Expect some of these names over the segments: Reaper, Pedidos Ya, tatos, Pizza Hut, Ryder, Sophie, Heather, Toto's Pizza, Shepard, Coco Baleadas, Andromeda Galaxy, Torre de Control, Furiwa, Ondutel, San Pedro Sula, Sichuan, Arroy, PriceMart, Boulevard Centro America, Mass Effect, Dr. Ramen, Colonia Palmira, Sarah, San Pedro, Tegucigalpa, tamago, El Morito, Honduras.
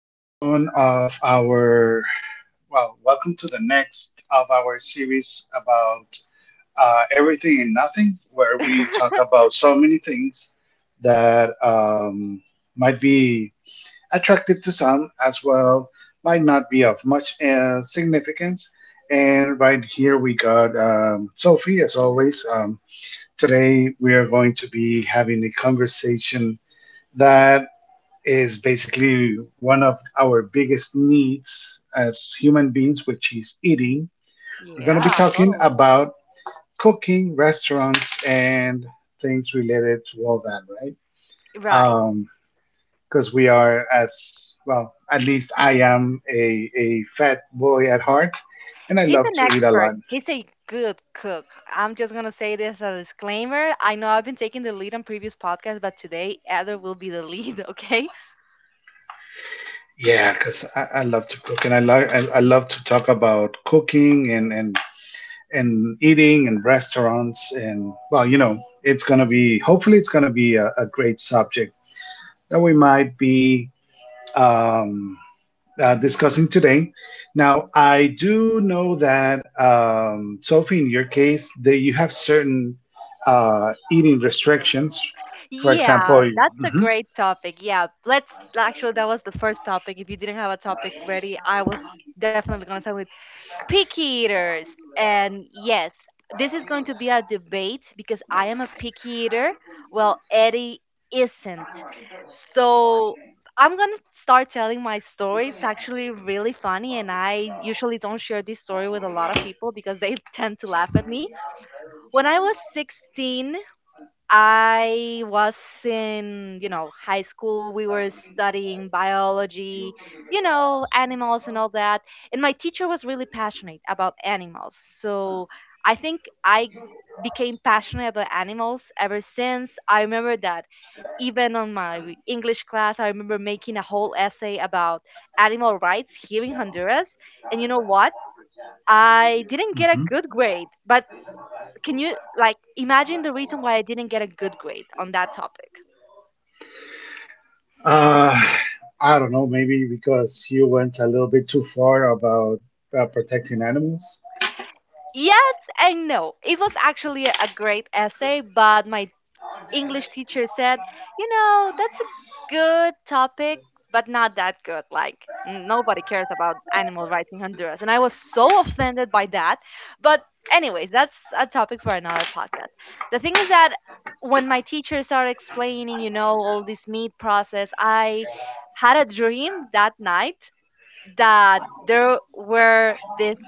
to one of our, well, welcome to the next of our series about everything and nothing, where we talk about so many things that might be attractive to some as well, might not be of much significance. And right here we got Sophie, as always. Today we are going to be having a conversation that is basically one of our biggest needs as human beings, which is eating. We're going to be Yeah, talking totally. about cooking, restaurants, and things related to all that, right? Right. Um, Because we are, as well, at least a fat boy at heart, and I He's love an to eat a lot. expert. He's a good cook. I'm just going to say this as a disclaimer. I know I've been taking the lead on previous podcasts, but today Heather will be the lead, okay? Yeah, because I love to cook, and I love to talk about cooking and eating and restaurants, and well, you know, it's going to be, hopefully it's going to be a great subject that we might be um, discussing today. Now, I do know that, Sophie, in your case, that you have certain eating restrictions. for Yeah, example you- that's a Mhm, great topic. Yeah, let's actually, that was the first topic. If you didn't have a topic ready, I was definitely going to start with picky eaters. And yes, this is going to be a debate because I am a picky eater. Well, Eddie isn't. So I'm going to start telling my story. It's actually really funny. And I usually don't share this story with a lot of people because they tend to laugh at me. When I was 16, I was in, you know, high school. We were studying biology, you know, animals and all that. And my teacher was really passionate about animals. So I think I became passionate about animals ever since. I remember that even on my English class, I remember making a whole essay about animal rights here in Honduras. And you know what? I didn't get a mhm. good grade, but can you like imagine the reason why I didn't get a good grade on that topic? Uh, I don't know, maybe because you went a little bit too far about protecting animals. Yes and no. It was actually a great essay, but my English teacher said, you know, that's a good topic, but not that good. Like, nobody cares about animal rights in Honduras. And I was so offended by that. But anyways, that's a topic for another podcast. The thing is that when my teacher started explaining, you know, all this meat process, I had a dream that night that there were these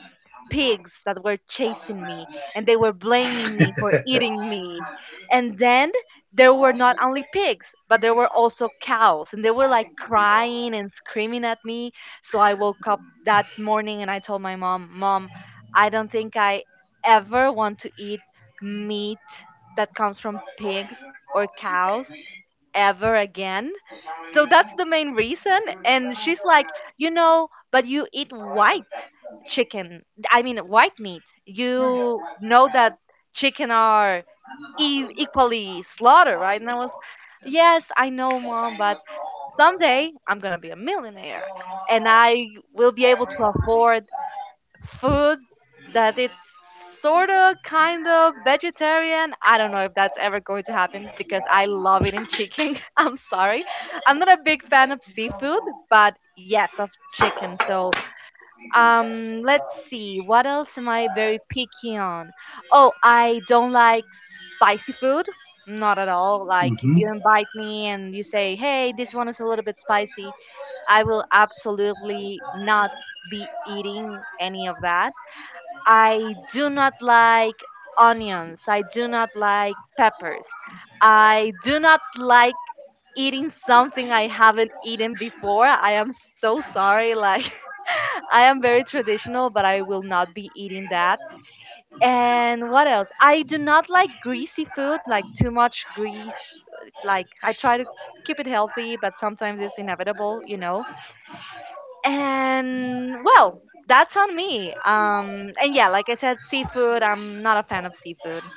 pigs that were chasing me and they were blaming me for eating me. And then there were not only pigs, but there were also cows and they were like crying and screaming at me. So I woke up that morning and I told my mom, Mom, I don't think I ever want to eat meat that comes from pigs or cows ever again. So that's the main reason. And she's like, you know, but you eat white chicken. I mean, white meat. You know that chicken are equally slaughtered, right? And I was, yes, I know, Mom, but someday I'm going to be a millionaire and I will be able to afford food that it's sort of kind of vegetarian. I don't know if that's ever going to happen because I love eating chicken. I'm sorry. I'm not a big fan of seafood, but yes, of chicken. So, let's see. What else am I very picky on? Oh, I don't like spicy food. Not at all. Like, if Hmm. you invite me and you say, hey, this one is a little bit spicy, I will absolutely not be eating any of that. I do not like onions. I do not like peppers. I do not like eating something I haven't eaten before. I am so sorry. Like, I am very traditional, but I will not be eating that. And what else? I do not like greasy food, like too much grease. Like, I try to keep it healthy, but sometimes it's inevitable, you know. And well, that's on me, and yeah, like I said, seafood, I'm not a fan of seafood.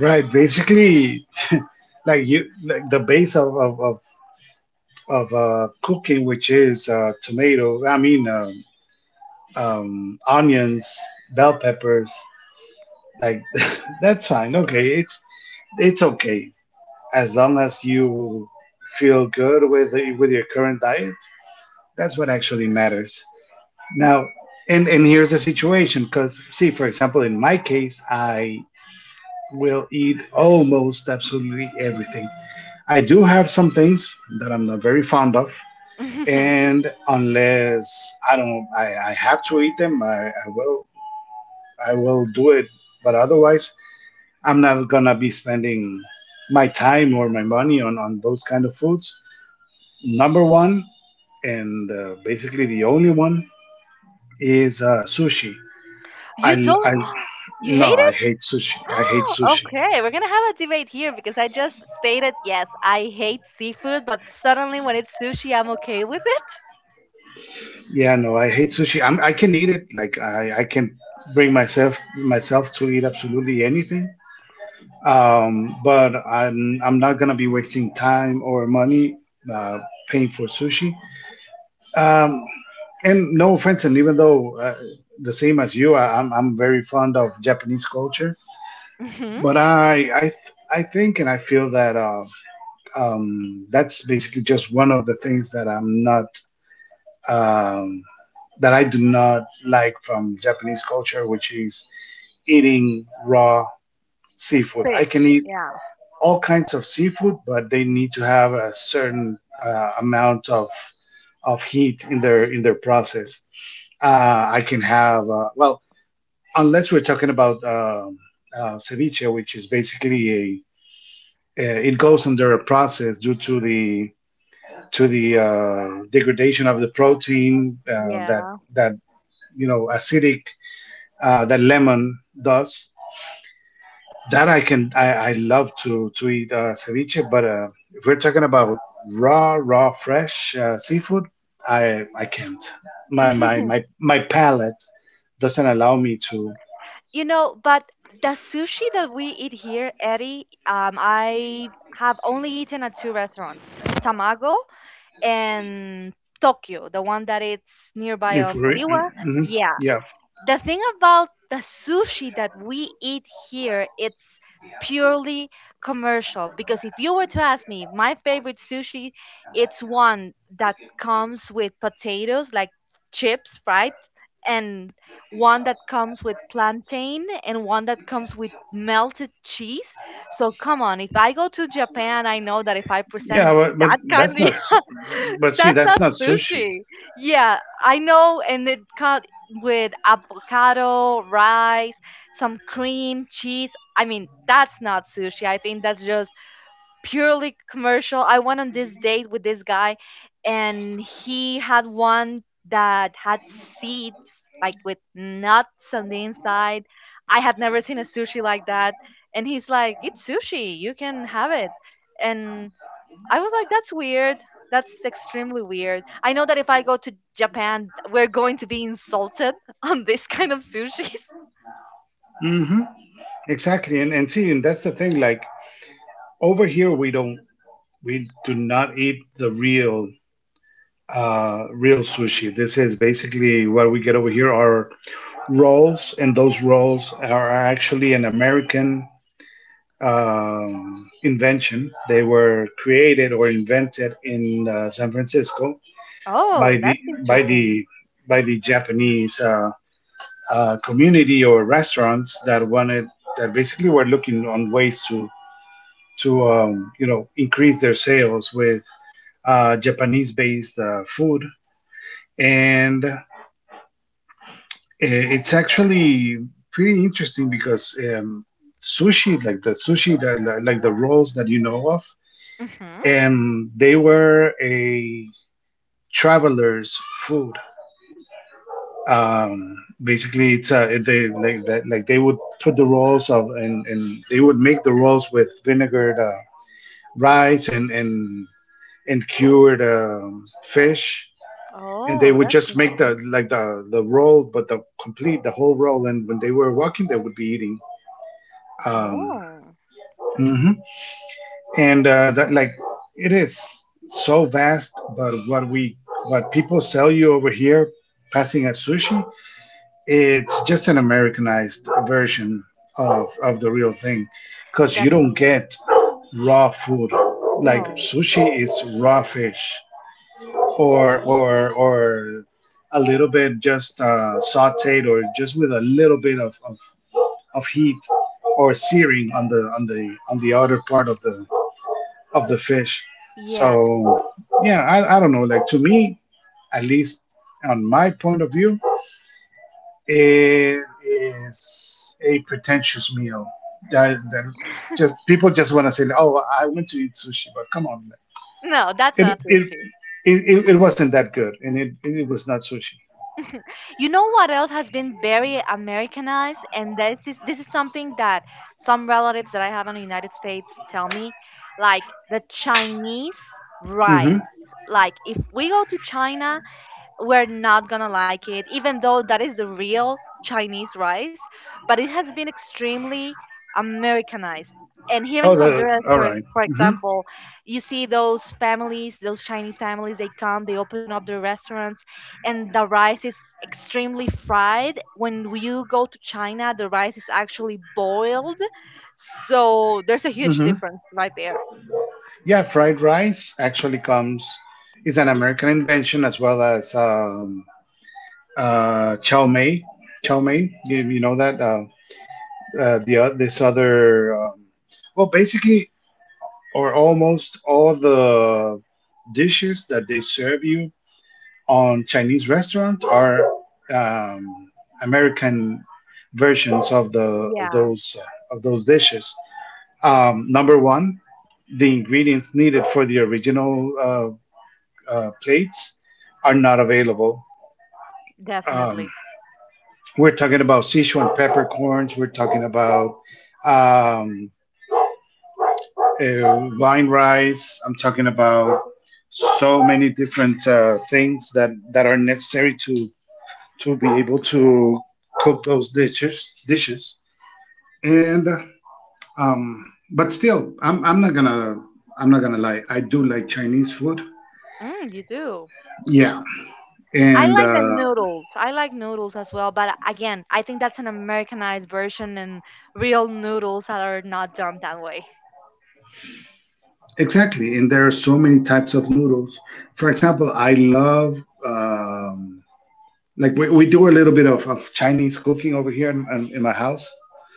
Right. Basically, like you like the base of cooking, which is tomato. Onions, bell peppers. Like that's fine. Okay, it's okay as long as you feel good with your current diet. That's what actually matters. Now, and here's the situation. Because see, for example, in my case, I will eat almost absolutely everything. I do have some things that I'm not very fond of, and unless I don't, I have to eat them, I will do it. But otherwise, I'm not gonna be spending my time or my money on those kind of foods. Number one, and basically the only one is sushi. You I, don't? I, You no, hate I it? hate sushi. I hate sushi. Okay, we're gonna have a debate here because I just stated yes, I hate seafood, but suddenly when it's sushi I'm okay with it. Yeah, no, I hate sushi. I can eat it. Like I can bring myself to eat absolutely anything, but I'm not gonna be wasting time or money uh, paying for sushi. Um, and no offense, and even though, the same as you, I'm very fond of Japanese culture, Hmm. but I think and I feel that that's basically just one of the things that I'm not. Um, that I do not like from Japanese culture, which is eating raw seafood. I can Fish. eat Yeah. all kinds of seafood, but they need to have a certain amount of heat in their process. I can have well, unless we're talking about ceviche, which is basically a it goes under a process due to the degradation of the protein, Yeah. that, you know, acidic that lemon does. That I can, I love to eat ceviche, but if we're talking about raw fresh seafood, I can't. My my my my palate doesn't allow me to. You know, but the sushi that we eat here, Eddie, I have only eaten at 2 restaurants, Tamago and Tokyo, the one that it's nearby If of we Furiwa. mm Yeah. yeah The thing about the sushi that we eat here, it's purely commercial because if you were to ask me, my favorite sushi, it's one that comes with potatoes like chips, fried, and one that comes with plantain and one that comes with melted cheese. So come on, if I go to Japan, I know that if I Yeah, present but that kind that's of not. But see, that's that's not not sushi. sushi. Yeah, I know, and it's cut with avocado, rice, some cream, cheese. I mean, that's not sushi. I think that's just purely commercial. I went on this date with this guy, and he had one that had seeds, like with nuts on the inside. I had never seen a sushi like that. And he's like, it's sushi. You can have it. And I was like, that's weird. That's extremely weird. I know that if I go to Japan, we're going to be insulted on this kind of sushis. Mm-hmm. Exactly, and see, and that's the thing. Like over here, we don't we do not eat the real real sushi. This is basically what we get over here are roles, and those roles are actually an American invention. They were created or invented in San Francisco by Oh, the that's by the interesting. by the Japanese community or restaurants that wanted, that basically were looking on ways to you know, increase their sales with Japanese-based food. And It's actually pretty interesting because, sushi, like the sushi that like the rolls that you know of, Hmm. and they were a traveler's food. Um, Basically, it's a they, like, that, like they would put the rolls of, and they would make the rolls with vinegared rice and cured fish. And they Oh, would that's just make the interesting. like the roll, but the complete the whole roll. And when they were walking, they would be eating. Um, Oh, Mm. mhm. And that, like, it is so vast, but what we what people sell you over here, passing as sushi, it's just an Americanized version of the real thing, because you don't definitely. get raw food. Like No. sushi is raw fish, or a little bit just sautéed, or just with a little bit of heat or searing on the on the on the outer part of the fish. So Yeah. yeah, I don't know. Like to me, at least on my point of view, it is a pretentious meal. That, that Just people just want to say, "Oh, I went to eat sushi," but come on, No, that's it not it sushi. It wasn't that good, and it was not sushi. You know what else has been very Americanized, and this is something that some relatives that I have in the United States tell me, like the Chinese Hmm. rice. Like if we go to China, we're not gonna like it, even though that is the real Chinese rice, but it has been extremely Americanized. And here Oh, in the Honduras, all for right. Mm-hmm. example, you see those families, those Chinese families, they come, they open up their restaurants, and the rice is extremely fried. When you go to China, the rice is actually boiled. So there's a huge Mm-hmm. difference right there. Yeah, fried rice actually comes is an American invention as well as uh, Chow mein, Chow mein, you know that, this other, basically or almost all the dishes that they serve you on Chinese restaurant are um, American versions of the Yeah, of those dishes. Number one, the ingredients needed for the original plates are not available. Um, definitely. We're talking about Sichuan peppercorns. We're talking about um, vine rice. I'm talking about so many different things that, that are necessary to be able to cook those dishes. And but still, I'm not gonna, I'm not gonna lie. I do like Chinese food. Mm, you do. Yeah, I and like the noodles. I like noodles as well, but again, I think that's an Americanized version, and real noodles are not done that way. exactly. And there are so many types of noodles. For example, I love. Um, like we do a little bit of Chinese cooking over here in my house.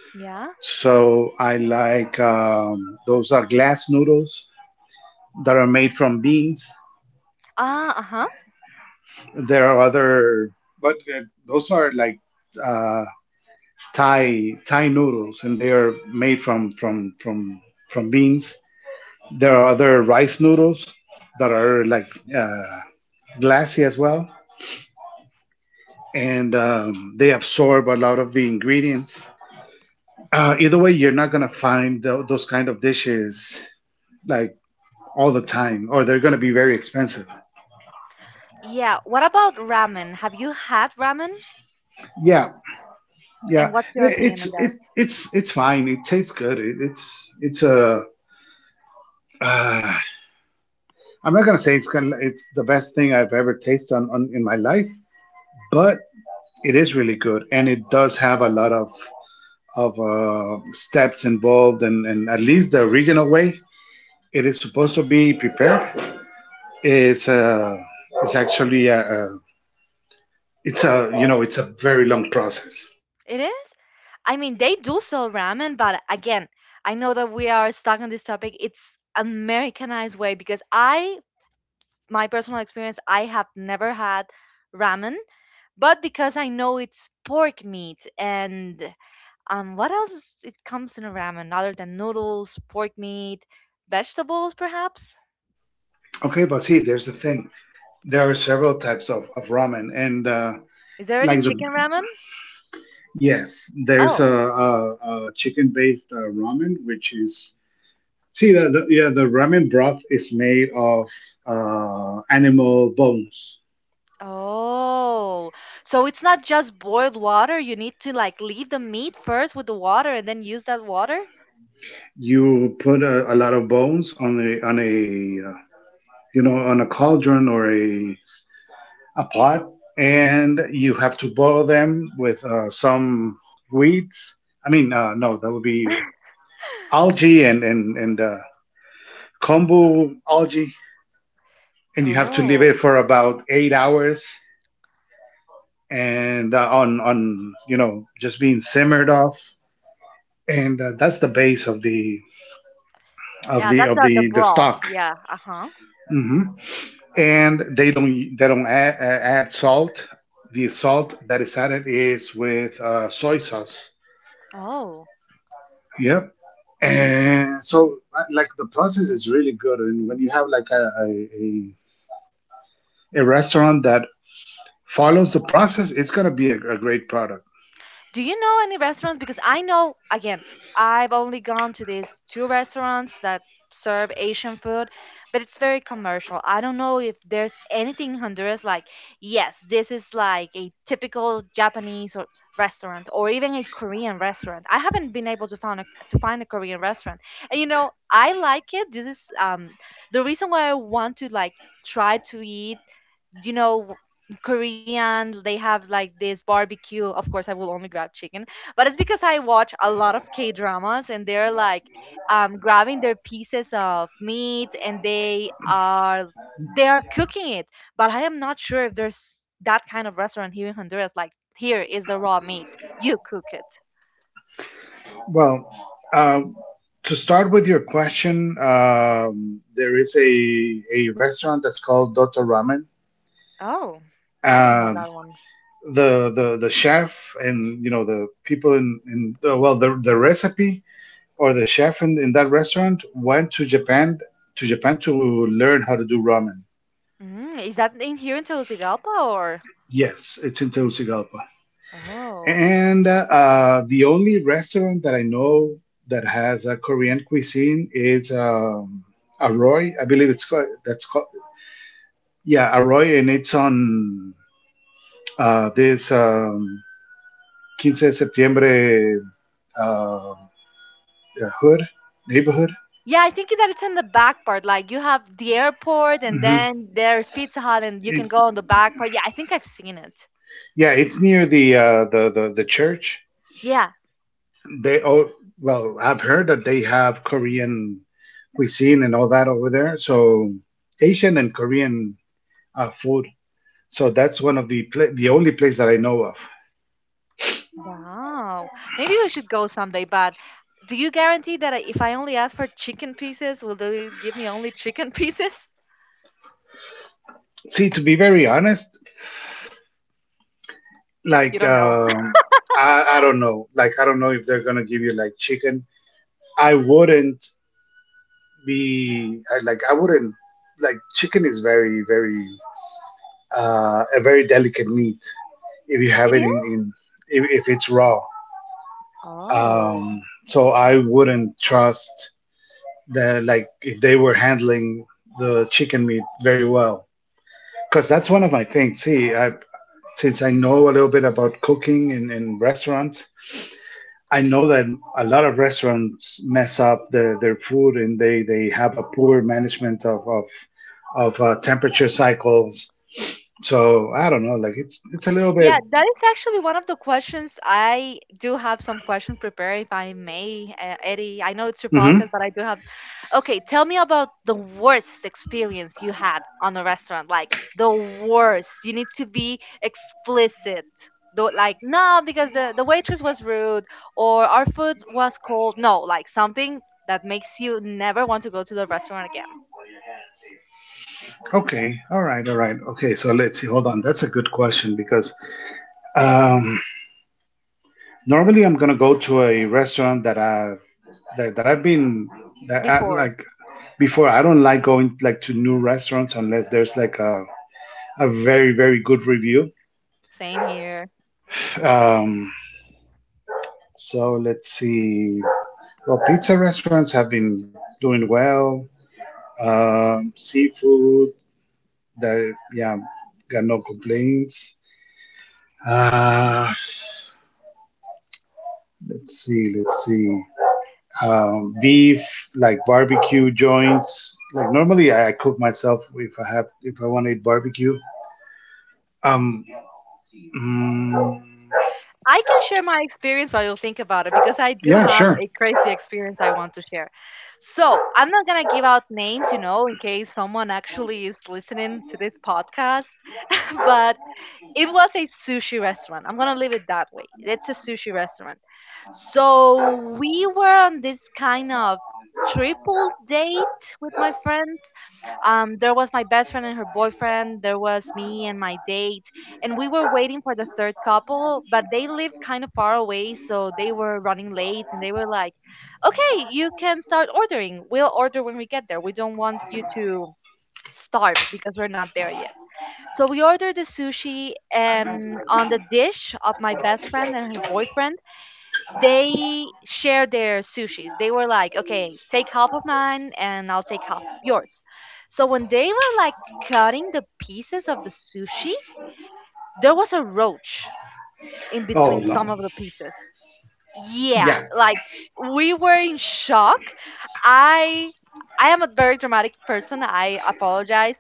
Yeah. So I like, those are glass noodles that are made from beans. Ah, uh huh. There are other, but those are like uh, Thai noodles, and they are made from beans. There are other rice noodles that are like uh, glassy as well, and they absorb a lot of the ingredients. Either way, you're not gonna find those kind of dishes like all the time, or they're gonna be very expensive. Yeah. What about ramen? Have you had ramen? Yeah, yeah, And what's your opinion it's on that? it's fine. It tastes good. It, it's a. Uh, I'm not gonna say it's gonna, it's the best thing I've ever tasted on in my life, but it is really good, and it does have a lot of steps involved, and at least the original way it is supposed to be prepared is uh, is actually a it's a you know, it's a very long process. It is? I mean, they do sell ramen, but again, I know that we are stuck on this topic. It's Americanized way because I, my personal experience, I have never had ramen, but because I know it's pork meat and what else is, it comes in a ramen other than noodles, pork meat, vegetables, perhaps? Okay, but see, there's the thing, there are several types of ramen, and Is there any like the chicken ramen? yes, there's Oh, a, a chicken based ramen, which is, see, yeah, the ramen broth is made of animal bones. oh, so it's not just boiled water. You need to like leave the meat first with the water and then use that water. You put a lot of bones on a you know, on a cauldron or a pot, and you have to boil them with some weeds. I mean, no, that would be algae and kombu algae, and you have to leave it Oh, for about 8 hours, and on, you know, just being simmered off, and that's the base of the of yeah, the that's of the the broth. stock. Yeah, uh-huh. Hmm. And they don't they don't add, add salt. The salt that is added is with soy sauce. Oh. Yep. And so, like, the process is really good. And when you have like a, a restaurant that follows the process, it's going to be a great product. Do you know any restaurants? Because I know, again, I've only gone to these two restaurants that serve Asian food, but it's very commercial. I don't know if there's anything in Honduras like, yes, this is like a typical Japanese or restaurant or even a Korean restaurant. I haven't been able to find a Korean restaurant. And you know, I like it. This is the reason why I want to like try to eat, you know, Korean, they have like this barbecue. Of course I will only grab chicken, but it's because I watch a lot of K dramas and they're like, grabbing their pieces of meat and they are, they are cooking it, but I am not sure if there's that kind of restaurant here in Honduras, like here is the raw meat, you cook it. Well, uh, to start with your question, there is a restaurant that's called Dr. Ramen. Oh. I don't know Um, that one. the the chef, and you know, the people in well, the recipe or the chef in that restaurant went to Japan, to Japan, to learn how to do ramen. Mm, is that in here in Tegucigalpa or? Yes, it's in Tegucigalpa. Oh. And the only restaurant that I know that has a Korean cuisine is Arroy, I believe it's called, that's called, yeah, Arroy, and it's on this 15 de Septiembre uh, uh, hood, neighborhood. Yeah, I think that it's in the back part. Like you have the airport and Hmm. then there's Pizza Hut and you can It's, go on the back part. Yeah, I think I've seen it. yeah, it's near the church. Yeah. They, oh, I've heard that they have Korean cuisine and all that over there. So Asian and Korean food. So that's one of the the only place that I know of. Wow. Maybe we should go someday, but do you guarantee that if I only ask for chicken pieces, will they give me only chicken pieces? See, to be very honest, You like don't know. I don't know. Like I don't know if they're gonna give you like chicken. I wouldn't I wouldn't like chicken is very very a very delicate meat if you have It it is? in if it's raw. Oh. So I wouldn't trust that, like, if they were handling the chicken meat very well, because that's one of my things. See, I, since I know a little bit about cooking in restaurants, I know that a lot of restaurants mess up their food, and they have a poor management of temperature cycles, so I don't know, like it's a little bit. Yeah, that is actually one of the questions. I do have some questions prepared, if I may, Eddie. I know it's your Hmm. podcast, but I do have. Okay, tell me about the worst experience you had on a restaurant. Like the worst. You need to be explicit. Though, like no, because the waitress was rude or our food was cold. No, like something that makes you never want to go to the restaurant again. Okay, all right okay, so let's see, hold on, that's a good question, because um normally, I'm gonna go to a restaurant that I've been, that I, Before, like before. I don't like going, like, to new restaurants unless there's, like, a very very good review. same here. Um, so let's see. Well, pizza restaurants have been doing well. Seafood, that, yeah, got no complaints. Uh, let's see. Beef, like barbecue joints. Like, normally, I cook myself, if I want to eat barbecue. Um, mm, I can share my experience while you think about it because I do yeah, have sure. a crazy experience I want to share. So I'm not gonna give out names, you know, in case someone actually is listening to this podcast. It was a sushi restaurant. I'm gonna leave it that way. It's a sushi restaurant. So we were on this kind of triple date with my friends. There was my best friend and her boyfriend. There was me and my date, and we were waiting for the third couple, but they lived kind of far away, so they were running late, and they were like, "Okay, you can start ordering. We'll order when we get there. We don't want you to" starve because we're not there yet. So we ordered the sushi, and on the dish of my best friend and her boyfriend, they shared their sushis. They were like, okay, take half of mine and I'll take half of yours. So when they were like cutting the pieces of the sushi, there was a roach in between Oh some no, of the pieces. Yeah, yeah. like we were in shock. I i am a very dramatic person, I apologize.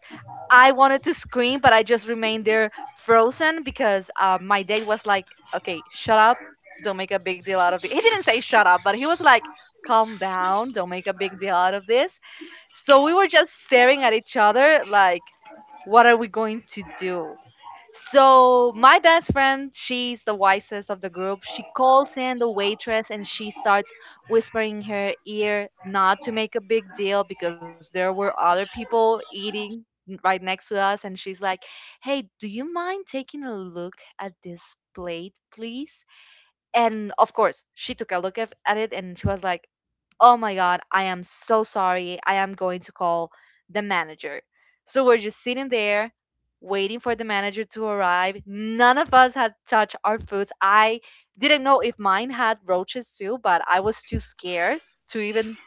I wanted to scream, but I just remained there frozen because my date was like, okay, shut up. Don't make a big deal out of it. He didn't say shut up, but he was like, calm down, don't make a big deal out of this. So we were just staring at each other like, what are we going to do? So my best friend, she's the wisest of the group. She calls in the waitress and she starts whispering in her ear not to make a big deal because there were other people eating right next to us, and she's like, "Hey, do you mind taking a look at this plate, please?" And of course, she took a look at it and she was like, "Oh my god, I am so sorry. I am going to call the manager." So we're just sitting there waiting for the manager to arrive. None of us had touched our foods. I didn't know if mine had roaches too, but I was too scared to even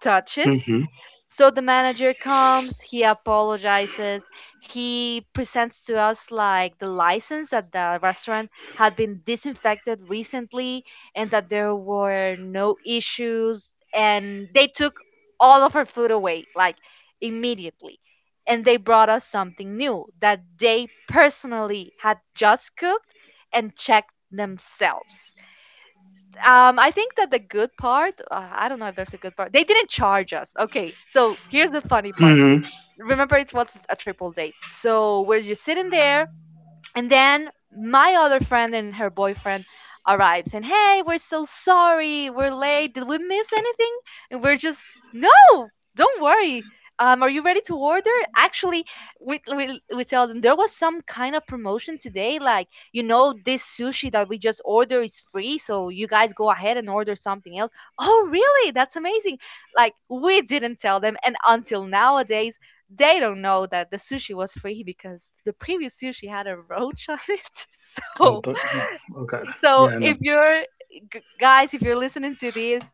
touch it. Mm-hmm. So the manager comes, he apologizes, he presents to us like the license that the restaurant had been disinfected recently and that there were no issues, and they took all of our food away, like immediately. And they brought us something new that they personally had just cooked and checked themselves. I think that the good part, I don't know if there's a good part. They didn't charge us. Okay, so here's the funny part. Mm-hmm. Remember, it was a triple date. So we're just sitting there. And then my other friend and her boyfriend arrives and, hey, we're so sorry, we're late. Did we miss anything? And we're just, no, don't worry. Are you ready to order? Actually, we tell them there was some kind of promotion today. Like, you know, this sushi that we just order is free, so you guys go ahead and order something else. Oh, really? That's amazing. Like, we didn't tell them, and until nowadays, they don't know that the sushi was free because the previous sushi had a roach on it. Oh, So, but no. Oh God. so Yeah, if no. you're guys, if you're listening to this,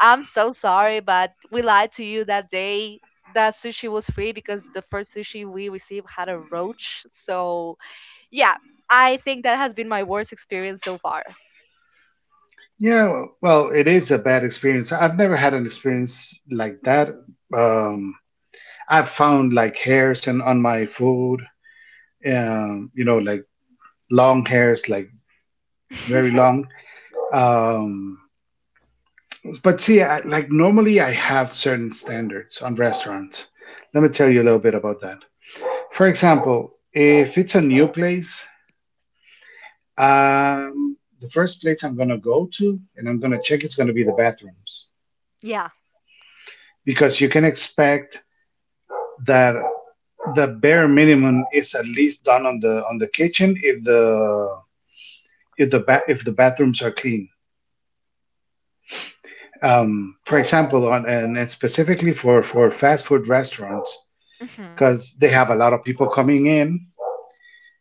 I'm so sorry, but we lied to you that day. That sushi was free because the first sushi we received had a roach. So, yeah, I think that has been my worst experience so far. Yeah. Well, it is a bad experience. I've never had an experience like that. Um, I've found, like, hairs and on my food. You know, like, long hairs, like, very long. Um, But see, I, like normally I have certain standards on restaurants. Let me tell you a little bit about that. For example, if it's a new place, the first place I'm going to go to and I'm going to check it's going to be the bathrooms, Yeah. because you can expect that the bare minimum is at least done on the kitchen if if the bathrooms are clean. For example, on, and it's specifically for fast food restaurants, Hmm. because they have a lot of people coming in,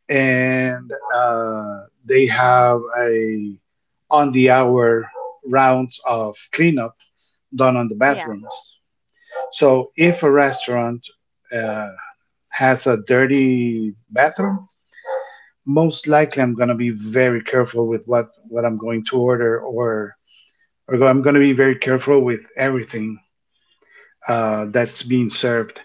and they have a on the hour rounds of cleanup done on the Yeah. bathrooms. So if a restaurant uh, has a dirty bathroom, most likely I'm gonna be very careful with what I'm going to order, or I'm gonna be very careful with everything that's being served,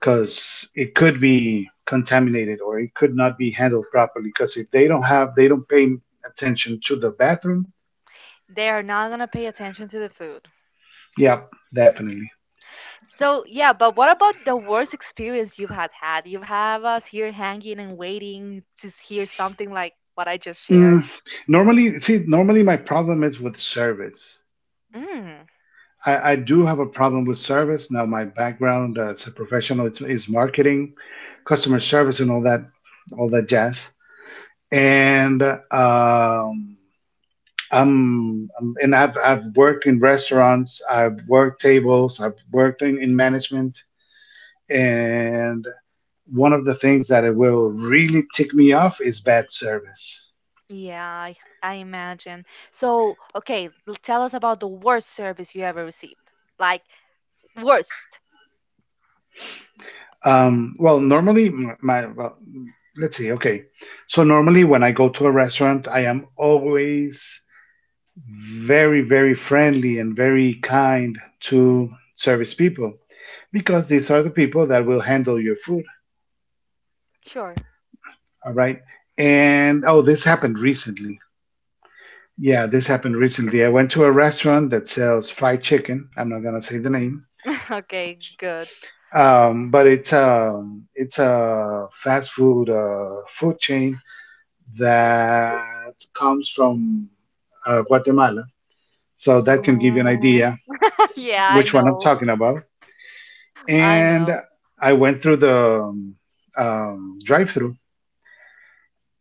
because it could be contaminated or it could not be handled properly. Because if they don't have, they don't pay attention to the bathroom. They are not going to pay attention to the food. Yeah, definitely. So yeah, but what about the worst experience you've had? You have us here hanging and waiting to hear something like what I just shared. Mm, normally, see, normally my problem is with service. Mm, I do have a problem with service. Now, my background, as a professional, is marketing, customer service, and all that, jazz. And, um, I've worked in restaurants, I've worked tables, I've worked in management, and one of the things that it will really tick me off is bad service. yeah, I imagine. So okay, tell us about the worst service you ever received. Like, worst. Well, normally let's see, okay, so normally when I go to a restaurant, I am always very very friendly and very kind to service people, because these are the people that will handle your food. Sure. All right. And oh, this happened recently. Yeah, this happened recently. I went to a restaurant that sells fried chicken. I'm not gonna say the name. Okay, good. But it's a fast food food chain that comes from Guatemala. So that can give you an Mm. idea Yeah, I which one I'm know. talking about. I know. And I went through the drive-through,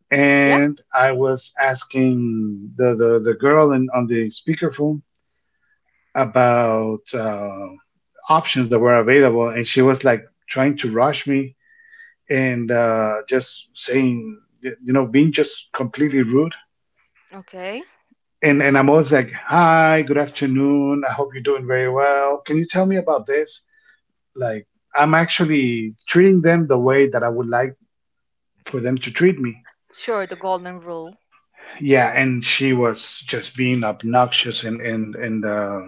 Yeah. and I was asking the girl on the speakerphone about options that were available, and she was like trying to rush me, and just saying, you know, being just completely rude. Okay. And I'm always like, "Hi, good afternoon, I hope you're doing very well. Can you tell me about this?" Like, I'm actually treating them the way that I would like for them to treat me. Sure, the golden rule. Yeah, and she was just being obnoxious and and and uh,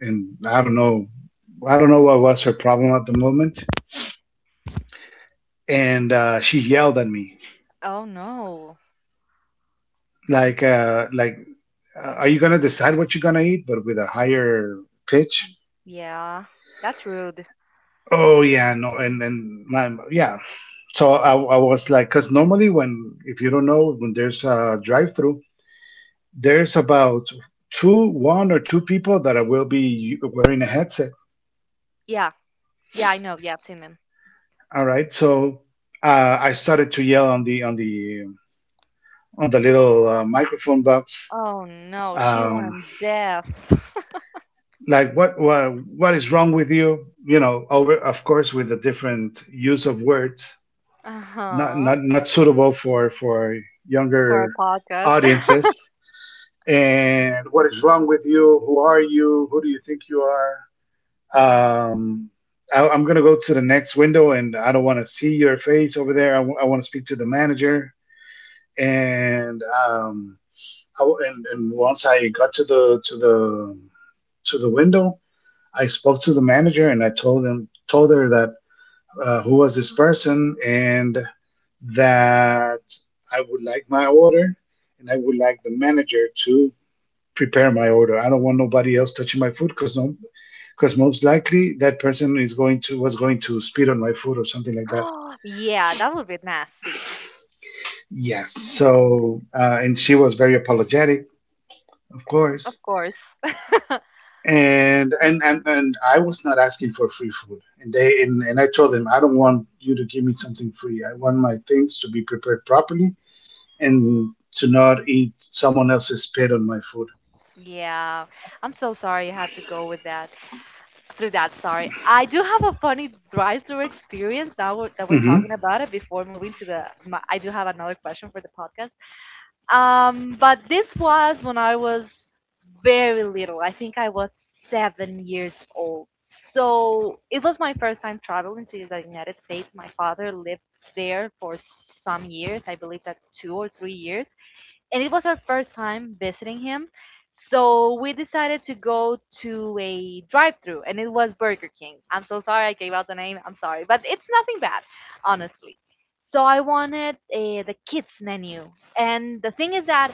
and I don't know what was her problem at the moment, and she yelled at me, Oh no. like, are you gonna decide what you're gonna eat, but with a higher pitch. Yeah. That's rude. Oh yeah, no, and then my, yeah. So I was like, because normally when, if you don't know, when there's a drive through there's about two one or two people that I will be wearing a headset. Yeah. Yeah, I know. Yeah, I've seen them. All right, so I started to yell on the little microphone box, Oh no, she um, went deaf. like, what is wrong with you, you know, over, of course, with the different use of words, Uh-huh. Not suitable for For a younger podcast. audiences, and what is wrong with you, who are you, who do you think you are. Um I, i'm going to go to the next window, and I don't want to see your face over there. I want to speak to the manager. And um I w and, and once I got to the window, I spoke to the manager and I told him told her that, who was this person, and that I would like my order, and I would like the manager to prepare my order. I don't want nobody else touching my food, because no, because most likely that person is going to was going to spit on my food or something like that. Yeah, that would be nasty. Yes. And she was very apologetic, of course. Of course. And I was not asking for free food, and I told them, I don't want you to give me something free, I want my things to be prepared properly, and to not eat someone else's spit on my Yeah. I'm so sorry you had to go with that. Through that, sorry. I do have a funny drive-through experience now we're, that we're food. talking about it, before moving to the my, I do have another question for the podcast. But this was when I was very little. I think I was 7 years old. So it was my first time traveling to the United States. My father lived there for some years, I believe that 2 or 3 years, and it was our first time visiting him. So we decided to go to a drive-through, and it was Burger King. I'm so sorry I gave out the name. I'm sorry, but it's nothing bad, honestly. So I wanted the kids menu, and the thing is that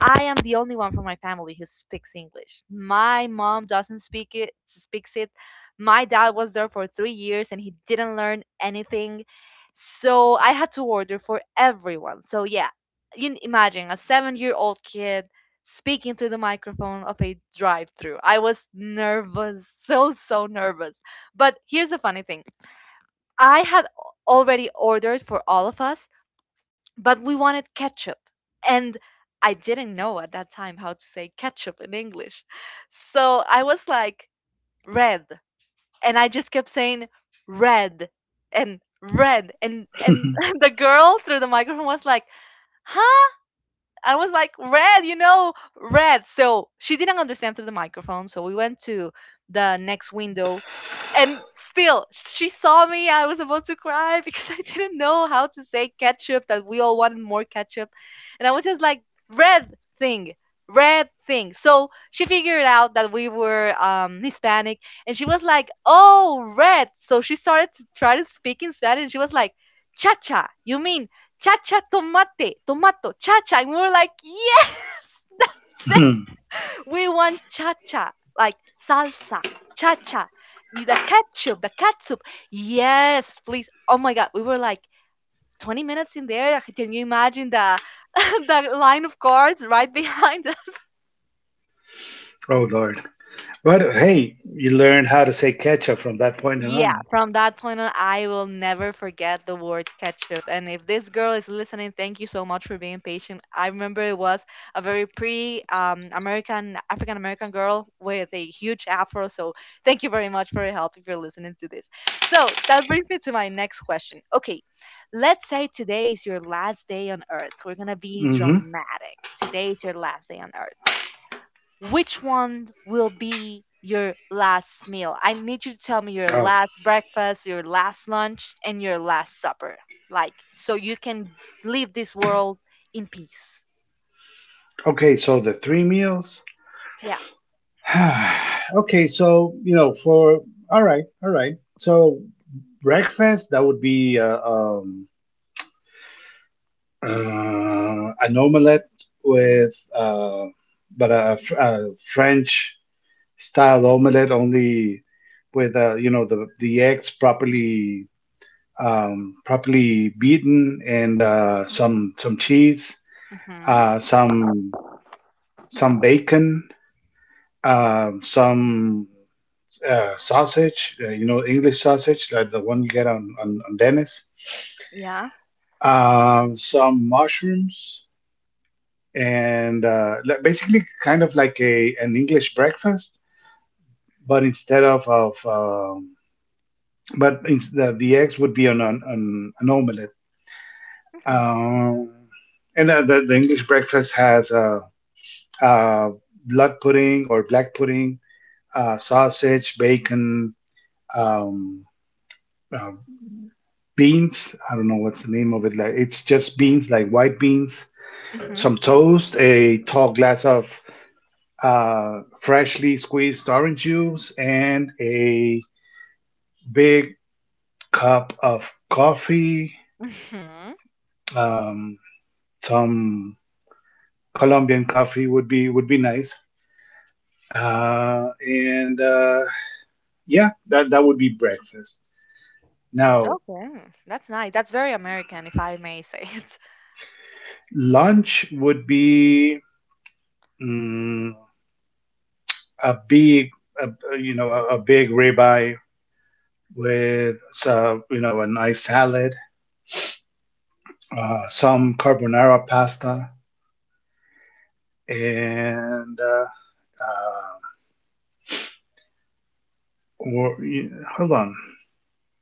I am the only one from my family who speaks English. My mom doesn't speak it, speaks it. My dad was there for 3 years and he didn't learn anything. So I had to order for everyone. So yeah, you can imagine a 7-year-old kid speaking through the microphone of a drive-through. I was nervous, so so nervous. But here's the funny thing. I had already ordered for all of us, but we wanted ketchup. And I didn't know at that time how to say ketchup in English, so I was like, red. And I just kept saying red and red and Hmm. the girl through the microphone was like, huh? I was like, red, you know, red. So she didn't understand through the microphone. So we went to the next window. And still, she saw me. I was about to cry because I didn't know how to say ketchup, that we all wanted more ketchup. And I was just like, red thing, red thing. So she figured out that we were Hispanic. And she was like, oh, red. So she started to try to speak in Spanish. And she was like, cha cha, you mean chacha, tomate, tomato, chacha. And we were like, yes, that's it. We want chacha, like salsa, chacha, the ketchup, the catsup. Yes, please. Oh my God. We were like 20 minutes in there. Can you imagine the, the line of cars right behind us? Oh Lord! But hey, you learned how to say ketchup from that point Yeah, on. from that point on, I will never forget the word ketchup. And if this girl is listening, thank you so much for being patient. I remember it was a very pretty American, African American girl with a huge afro. So thank you very much for your help if you're listening to this. So that brings me to my next question. Okay, let's say today is your last day on earth. We're going to be Hmm. dramatic. Today is your last day on earth, which one will be your last meal? I need you to tell me your Oh, last breakfast, your last lunch, and your last supper. Like, so you can leave this world in peace. okay. So the three meals. Yeah. Okay, so, you know, for, all right, all right. so breakfast, that would be an omelette with, but a French style omelette, only with, you know, the eggs properly, properly beaten, and some cheese, Hmm. Some bacon, some sausage, you know, English sausage like the one you get on on Dennis, Yeah. Some mushrooms, and basically kind of like a an English breakfast, but instead of but ins- the eggs would be on on an omelette. Hmm. Um, and the English breakfast has uh, blood pudding or black pudding, sausage, bacon, um, uh, beans. I don't know what's the name of it. Like, it's just beans, like white beans, Hmm. some toast, a tall glass of freshly squeezed orange juice, and a big cup of coffee. Hmm. Um, some Colombian coffee would be nice. And yeah, that would be breakfast. Now Okay. That's nice. That's very American, if I may say it. lunch would be, mm, a big, a, you know, a big ribeye with, you know, a nice salad, some carbonara pasta, and Uh, or, yeah, hold on.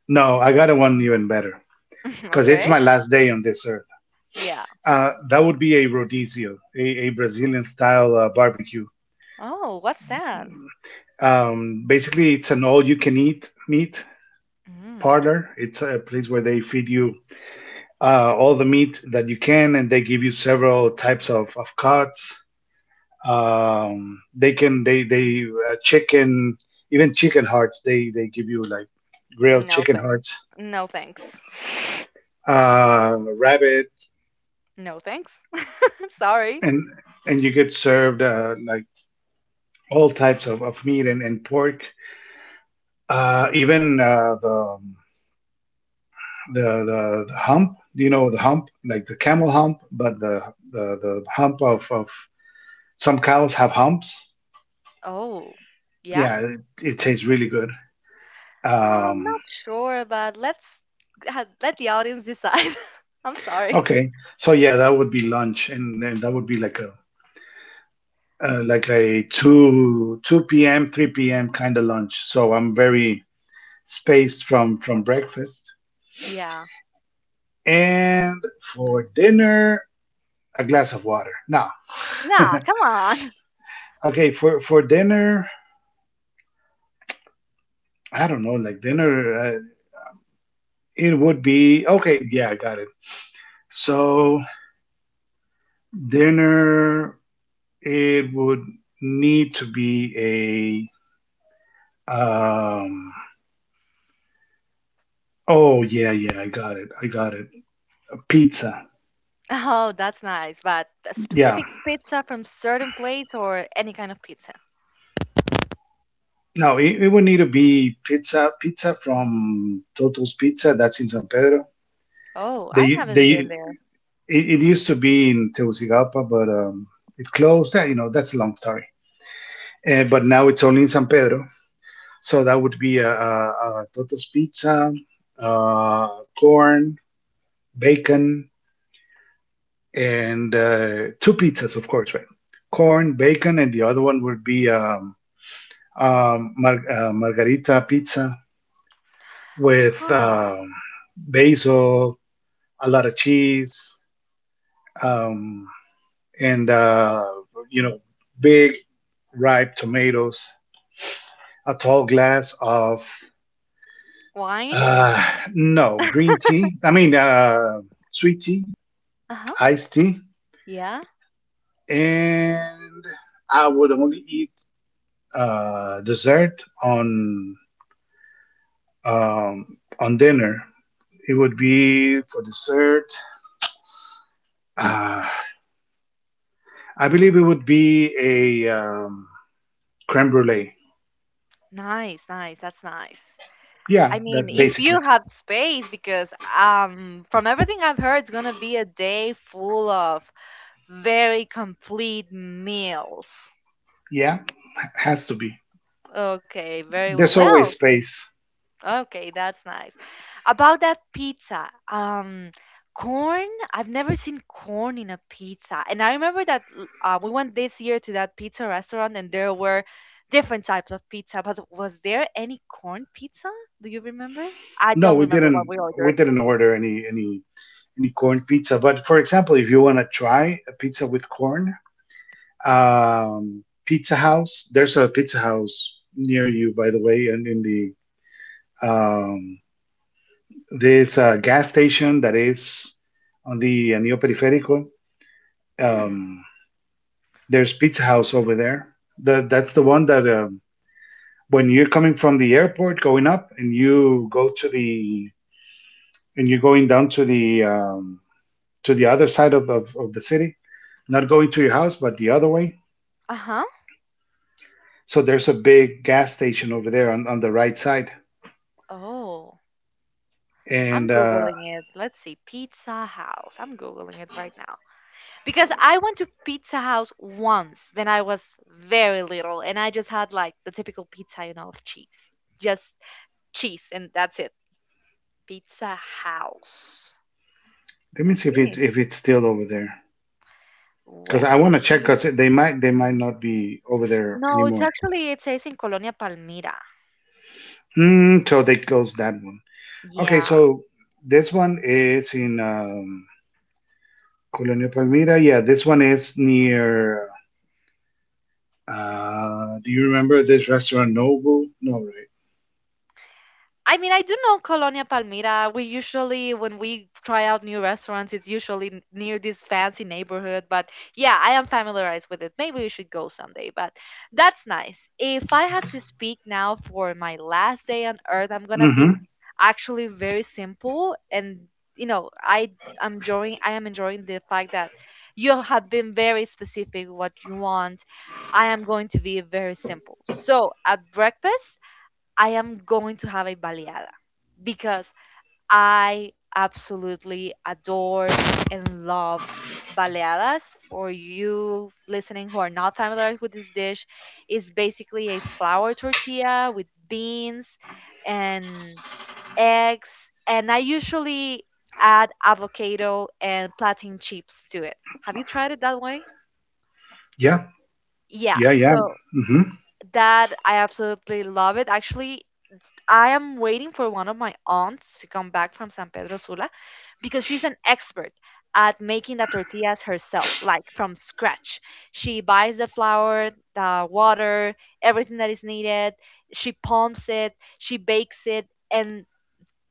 No, I got one even better, because it's Okay. my last day on this earth. Yeah. That would be a rodizio, a Brazilian style barbecue. Oh, what's that? Basically, it's an all you can eat meat Mm. parlor. It's a place where they feed you all the meat that you can, and they give you several types of cuts. They can they chicken, even chicken hearts. They give you, like, grilled No chicken thanks. hearts, No thanks. Rabbit, No thanks. Sorry. and and you get served, like, all types of meat, and pork, even the hump. You know the hump, like the camel hump, but the hump of, some cows have humps. Oh, yeah. Yeah, it tastes really good. I'm Um, not sure, but let's let the audience decide. I'm sorry. okay, so yeah, that would be lunch, and that would be like a, like a 2 p.m., 3 p.m. kind of lunch. So I'm very spaced from breakfast. Yeah. And for dinner, a glass of water. No. Nah, come on. Okay, for dinner, I don't know, like, dinner, it would be, okay, yeah, I got it. So dinner, it would need to be a Oh yeah, yeah, I got it. A pizza. Oh, that's nice. But a Yeah. specific pizza from certain place or any kind of pizza? No, it would need to be pizza. Pizza from Toto's Pizza. That's in San Pedro. Oh, I They haven't been they there. it used to be in Tegucigalpa, but it closed. Yeah, you know, that's a long story. But now it's only in San Pedro. So that would be a Toto's pizza, uh, corn, bacon, and two pizzas, of course, right? Corn, bacon, and the other one would be margarita pizza with Huh. Basil, a lot of cheese, um, and you know, big ripe tomatoes, a tall glass of Wine? uh, no, green tea. I mean, sweet tea, Uh-huh. iced tea, Yeah. and I would only eat dessert um, on dinner. It would be for dessert. Uh, I believe it would be a creme brulee. Nice, nice. That's nice. I Yeah, mean, that if you basically. have space, because from everything I've heard, it's gonna be a day full of very complete meals. Yeah, has to be. Okay, very well. There's always Well, space. okay, that's nice. About that pizza, corn, I've never seen corn in a pizza. And I remember that we went this year to that pizza restaurant and there were different types of pizza, but was there any corn pizza? Do you remember? I No, don't we remember what didn't. we We ordered. didn't order any corn pizza. But for example, if you want to try a pizza with corn, Pizza House, there's a Pizza House near you, by the way, and in the um, there's a gas station that is on the Anillo Periférico. Hmm. Um, there's Pizza House over there. That's the one that when you're coming from the airport going up and you go to the and you're going down to the other side of the city, not going to your house but the other way. Uh-huh. So there's a big gas station over there on the right side. Oh, I'm And Googling it. Let's see. Pizza House. I'm Googling it right now. Because I went to Pizza House once when I was very little, and I just had like the typical pizza, you know, of cheese. Just cheese, and that's it. Pizza House. let me Let's see if see. it's still over there because Well, I let's want to check see. because they might not be over there No, it's anymore. actually, it says in Colonia Palmira. Mm, so they closed that one. Okay, Yeah. so this one is in Colonia Palmira. Yeah, this one is near. Do you remember this restaurant Nobu? No, right? I mean, I do know Colonia Palmira. We usually, when we try out new restaurants, it's usually near this fancy neighborhood. But yeah, I am familiarized with it. Maybe we should go someday. But that's nice. If I had to speak now for my last day on earth, I'm gonna be Mm-hmm. actually very simple. And you know, I'm enjoying. I am enjoying the fact that you have been very specific what you want. I am going to be very simple. So at breakfast. I am going to have a baleada because I absolutely adore and love baleadas. For you listening who are not familiar with this dish, is basically a flour tortilla with beans and eggs, and I usually add avocado and plantain chips to it. Have you tried it that way? Yeah, Yeah, yeah, yeah. so Mm-hmm. that I absolutely love it. Actually, I am waiting for one of my aunts to come back from San Pedro Sula because she's an expert at making the tortillas herself, like from scratch. She buys the flour, the water, everything that is needed. She pumps it, she bakes it, and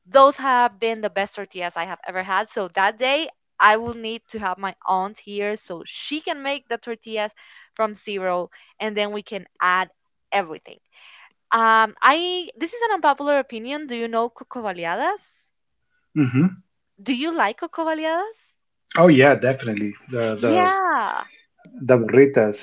those have been the best tortillas I have ever had. So that day, I will need to have my aunt here so she can make the tortillas from zero, and then we can add everything. I this is an unpopular opinion. Do you know coco baleadas? Mm-hmm. Do you like coco baleadas? Oh yeah, definitely the the Yeah. the burritas.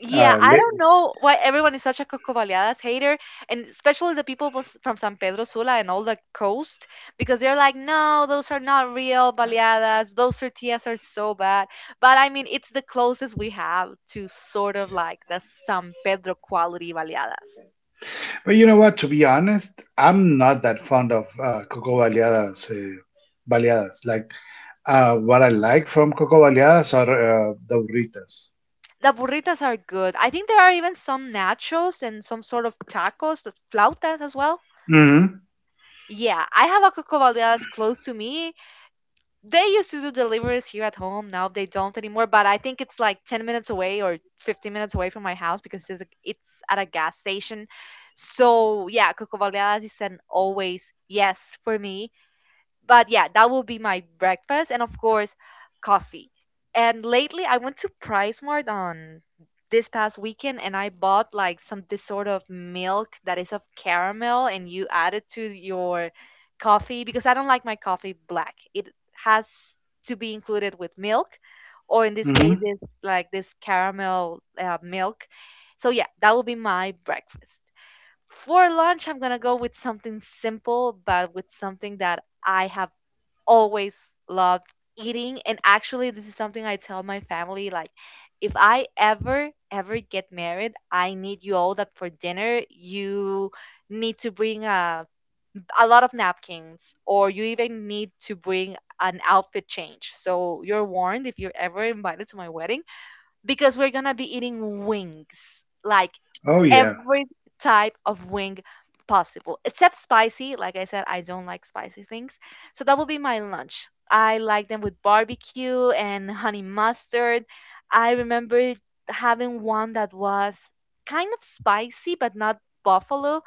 Yeah, Uh, I le, don't know why everyone is such a coco baleadas hater, and especially the people from San Pedro Sula and all the coast, because they're like, no, those are not real baleadas. Those tortillas are so bad. But I mean, it's the closest we have to sort of like the San Pedro quality baleadas. But you know what? To be honest, I'm not that fond of coco baleadas. Like what I like from coco baleadas are the burritas. The burritas are good. I think there are even some nachos and some sort of tacos, the flautas as well. Mm-hmm. Yeah, I have a Coco Baleadas close to me. They used to do deliveries here at home. Now they don't anymore, but I think it's like 10 minutes away or 15 minutes away from my house because it's at a gas station. So, yeah, Coco Baleadas is an always yes for me, but yeah, that will be my breakfast and of course coffee. And lately I went to PriceMart on this past weekend and I bought like some this sort of milk that is of caramel and you add it to your coffee, because I don't like my coffee black. It has to be included with milk, or in this case Mm-hmm. it's like this caramel milk. So yeah, that will be my breakfast. For lunch, I'm gonna go with something simple, but with something that I have always loved eating, and actually this is something I tell my family, like if I ever ever get married, I need you all that for dinner, you need to bring a lot of napkins, or you even need to bring an outfit change. So you're warned if you're ever invited to my wedding, because we're going to be eating wings. Like Oh yeah, every type of wing possible, except spicy. Like I said, I don't like spicy things. So that will be my lunch. I like them with barbecue and honey mustard. I remember having one that was kind of spicy, but not buffalo.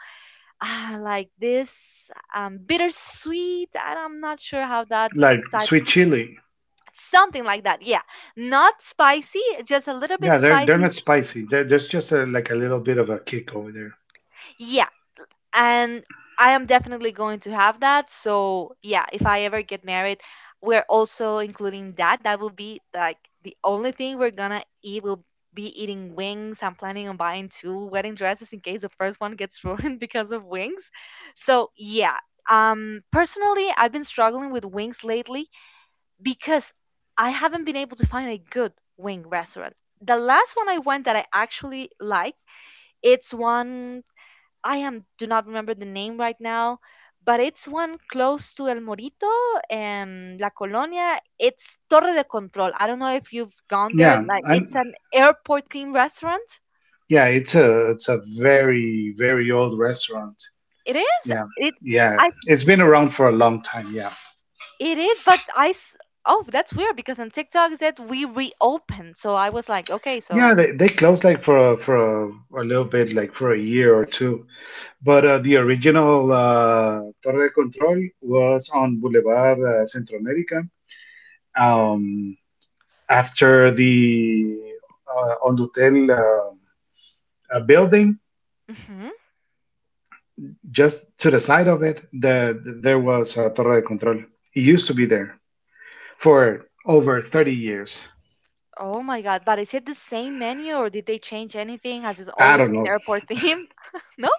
Ah, like this bittersweet. I'm not sure how that's like type. sweet chili. Something like that. Yeah. Not spicy, just a little bit Yeah, they're spicy. not spicy. There's just a, like a little bit of a kick over there. Yeah. And I am definitely going to have that. So yeah, if I ever get married, we're also including that. That will be like the only thing we're gonna eat, will be eating wings. I'm planning on buying two wedding dresses in case the first one gets ruined because of wings. So yeah. Personally, I've been struggling with wings lately, because I haven't been able to find a good wing restaurant. The last one I went that I actually liked, it's one I am do not remember the name right now, but it's one close to El Morito and La Colonia. It's Torre de Control. I don't know if you've gone there. Yeah, Like, and it's an airport themed restaurant. yeah, it's a very very old restaurant. It is. Yeah, It yeah, I it's been around for a long time. Yeah, it is, but I s- oh, that's weird, because on TikTok it said we reopened. So I was like, okay, yeah, so they closed like a little bit, like for a year or two. But the original Torre de Control was on Boulevard Centro America. Um, after the Ondutel building, hmm just to the side of it, there was Torre de Control. It used to be there for over 30 years. Oh my God, but is it the same menu or did they change anything? Has it I always don't been know. airport theme? No?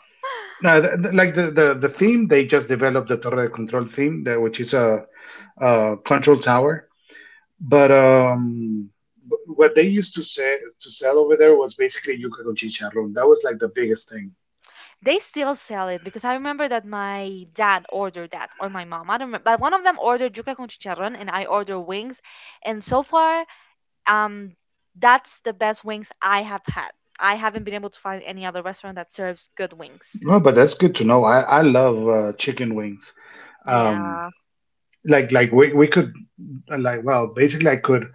No, like the theme, they just developed the Torre de Control theme, which is a control tower. But what they used to say to sell over there was basically yuca con chicharrón. That was like the biggest thing. They still sell it, because I remember that my dad ordered that or my mom. I don't remember, but one of them ordered yuca con chicharrón and I ordered wings, and so far, um, that's the best wings I have had. I haven't been able to find any other restaurant that serves good wings. No, but that's good to know. I love chicken wings. Um, Yeah. like we could like well basically I could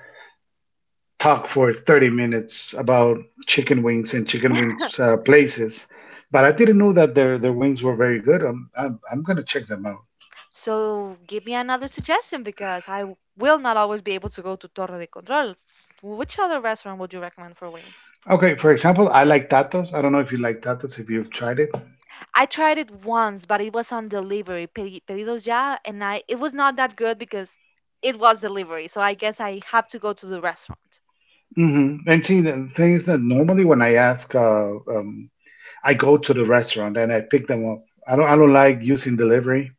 talk for 30 minutes about chicken wings and chicken wings places, but I didn't know that their wings were very good. I'm gonna check them out. So give me another suggestion, because will not always be able to go to Torre de Control. Which other restaurant would you recommend for wings? Okay, for example, I like tatos. I don't know if you like tatos if you've tried it. I tried it once, but it was on delivery, Pedidos Ya, and I it was not that good because it was delivery. So I guess I have to go to the restaurant. Hmm. And see, the thing is that normally when I ask, I go to the restaurant and I pick them up. I don't like using delivery.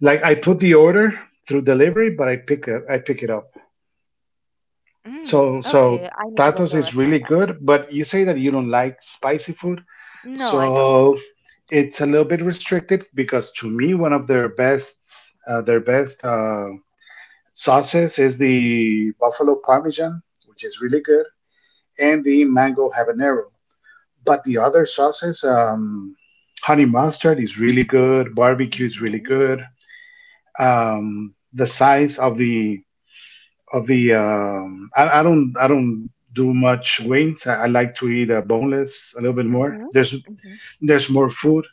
Like I put the order through delivery, but I pick it up. Mm, So, okay, I so need to go to a tacos is restaurant really then. good. But you say that you don't like spicy food, No, I don't. so it's a little bit restricted because to me, one of their best sauces is the buffalo parmesan, which is really good, and the mango habanero. But the other sauces, honey mustard is really good. Barbecue is really Mhm. good. The size of the I, I don't do much wings. I like to eat boneless a little bit more. Mhm. There's Mhm. there's more food.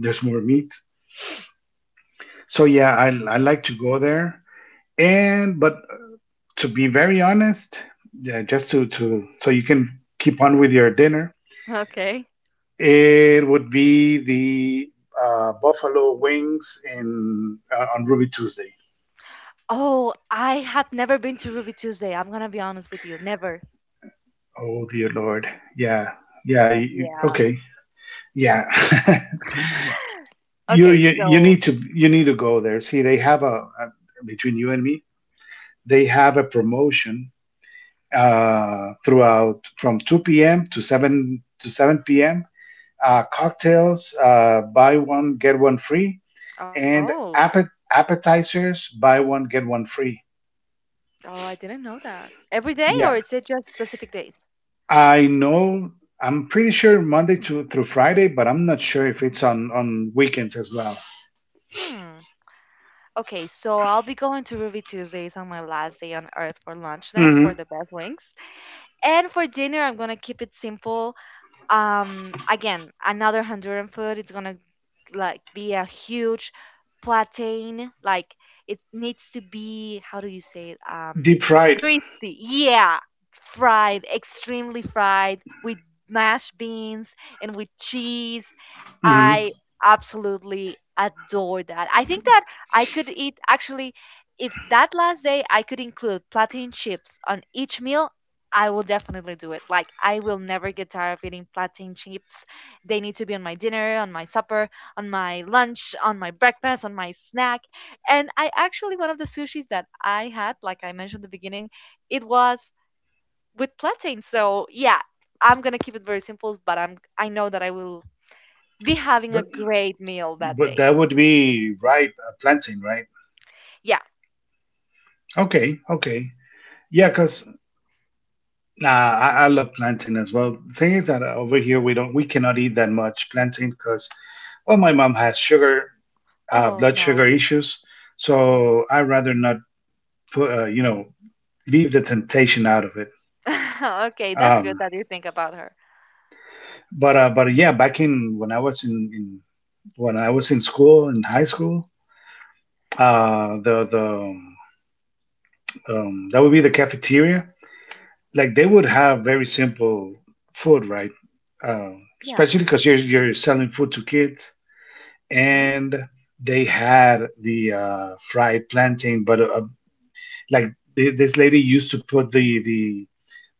There's more meat. So yeah, I like to go there. And but to be very honest, yeah, just to so you can keep on with your dinner. Okay. It would be the buffalo wings in on Ruby Tuesday. Oh, I have never been to Ruby Tuesday. I'm gonna be honest with you, never. Oh dear Lord. Yeah. Yeah. You, Yeah. okay. Yeah. you, Okay, you you so. need to you need to go there. See, they have a, between you and me, they have a promotion throughout from 2 p.m. to 7 p.m. Cocktails, buy one get one free, and Oh, appetizers, buy one get one free. oh, I didn't know that. Every day, or Yeah, is it just specific days? I know. I'm pretty sure Monday to through Friday, but I'm not sure if it's on weekends as well. Hmm. Okay, so I'll be going to Ruby Tuesdays on my last day on Earth for lunch then, Hmm. for the best wings. And for dinner, I'm gonna keep it simple. Again, another Honduran food, it's gonna, like, be a huge plantain, like, it needs to be, how do you say it, Deep fried. greasy, yeah, fried, extremely fried, with mashed beans and with cheese. Hmm. I absolutely adore that. I think that I could eat, actually, if that last day I could include plantain chips on each meal, I will definitely do it. Like, I will never get tired of eating plantain chips. They need to be on my dinner, on my supper, on my lunch, on my breakfast, on my snack. And I actually, one of the sushis that I had, like I mentioned at the beginning, it was with plantain. So yeah, I'm gonna keep it very simple, but I know that I will be having But a great meal that but day. that would be ripe plantain, right? Yeah. Okay, okay. Yeah, cause nah, I love plantain as well. Thing is that over here we cannot eat that much plantain because well my mom has sugar Oh blood sugar no. issues, so I rather not put you know leave the temptation out of it. Okay, that's good Um, that you think about her. But yeah, back in when I was in when I was in school in high school, the that would be the cafeteria. Like they would have very simple food, right? Uh, Yeah. especially because you're selling food to kids, Hmm. and they had the fried plantain, but like this lady used to put the the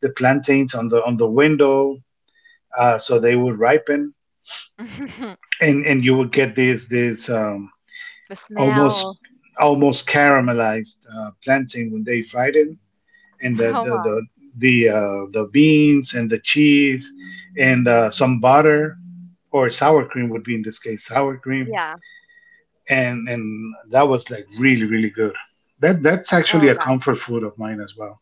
the plantains on the window, so they would ripen, and you would get this. The almost smell. almost caramelized plantain when they fried it, and Oh my. The beans and the cheese and some butter or sour cream, would be in this case sour cream, Yeah. and that was like really really good. That's Oh actually a God. comfort food of mine as well.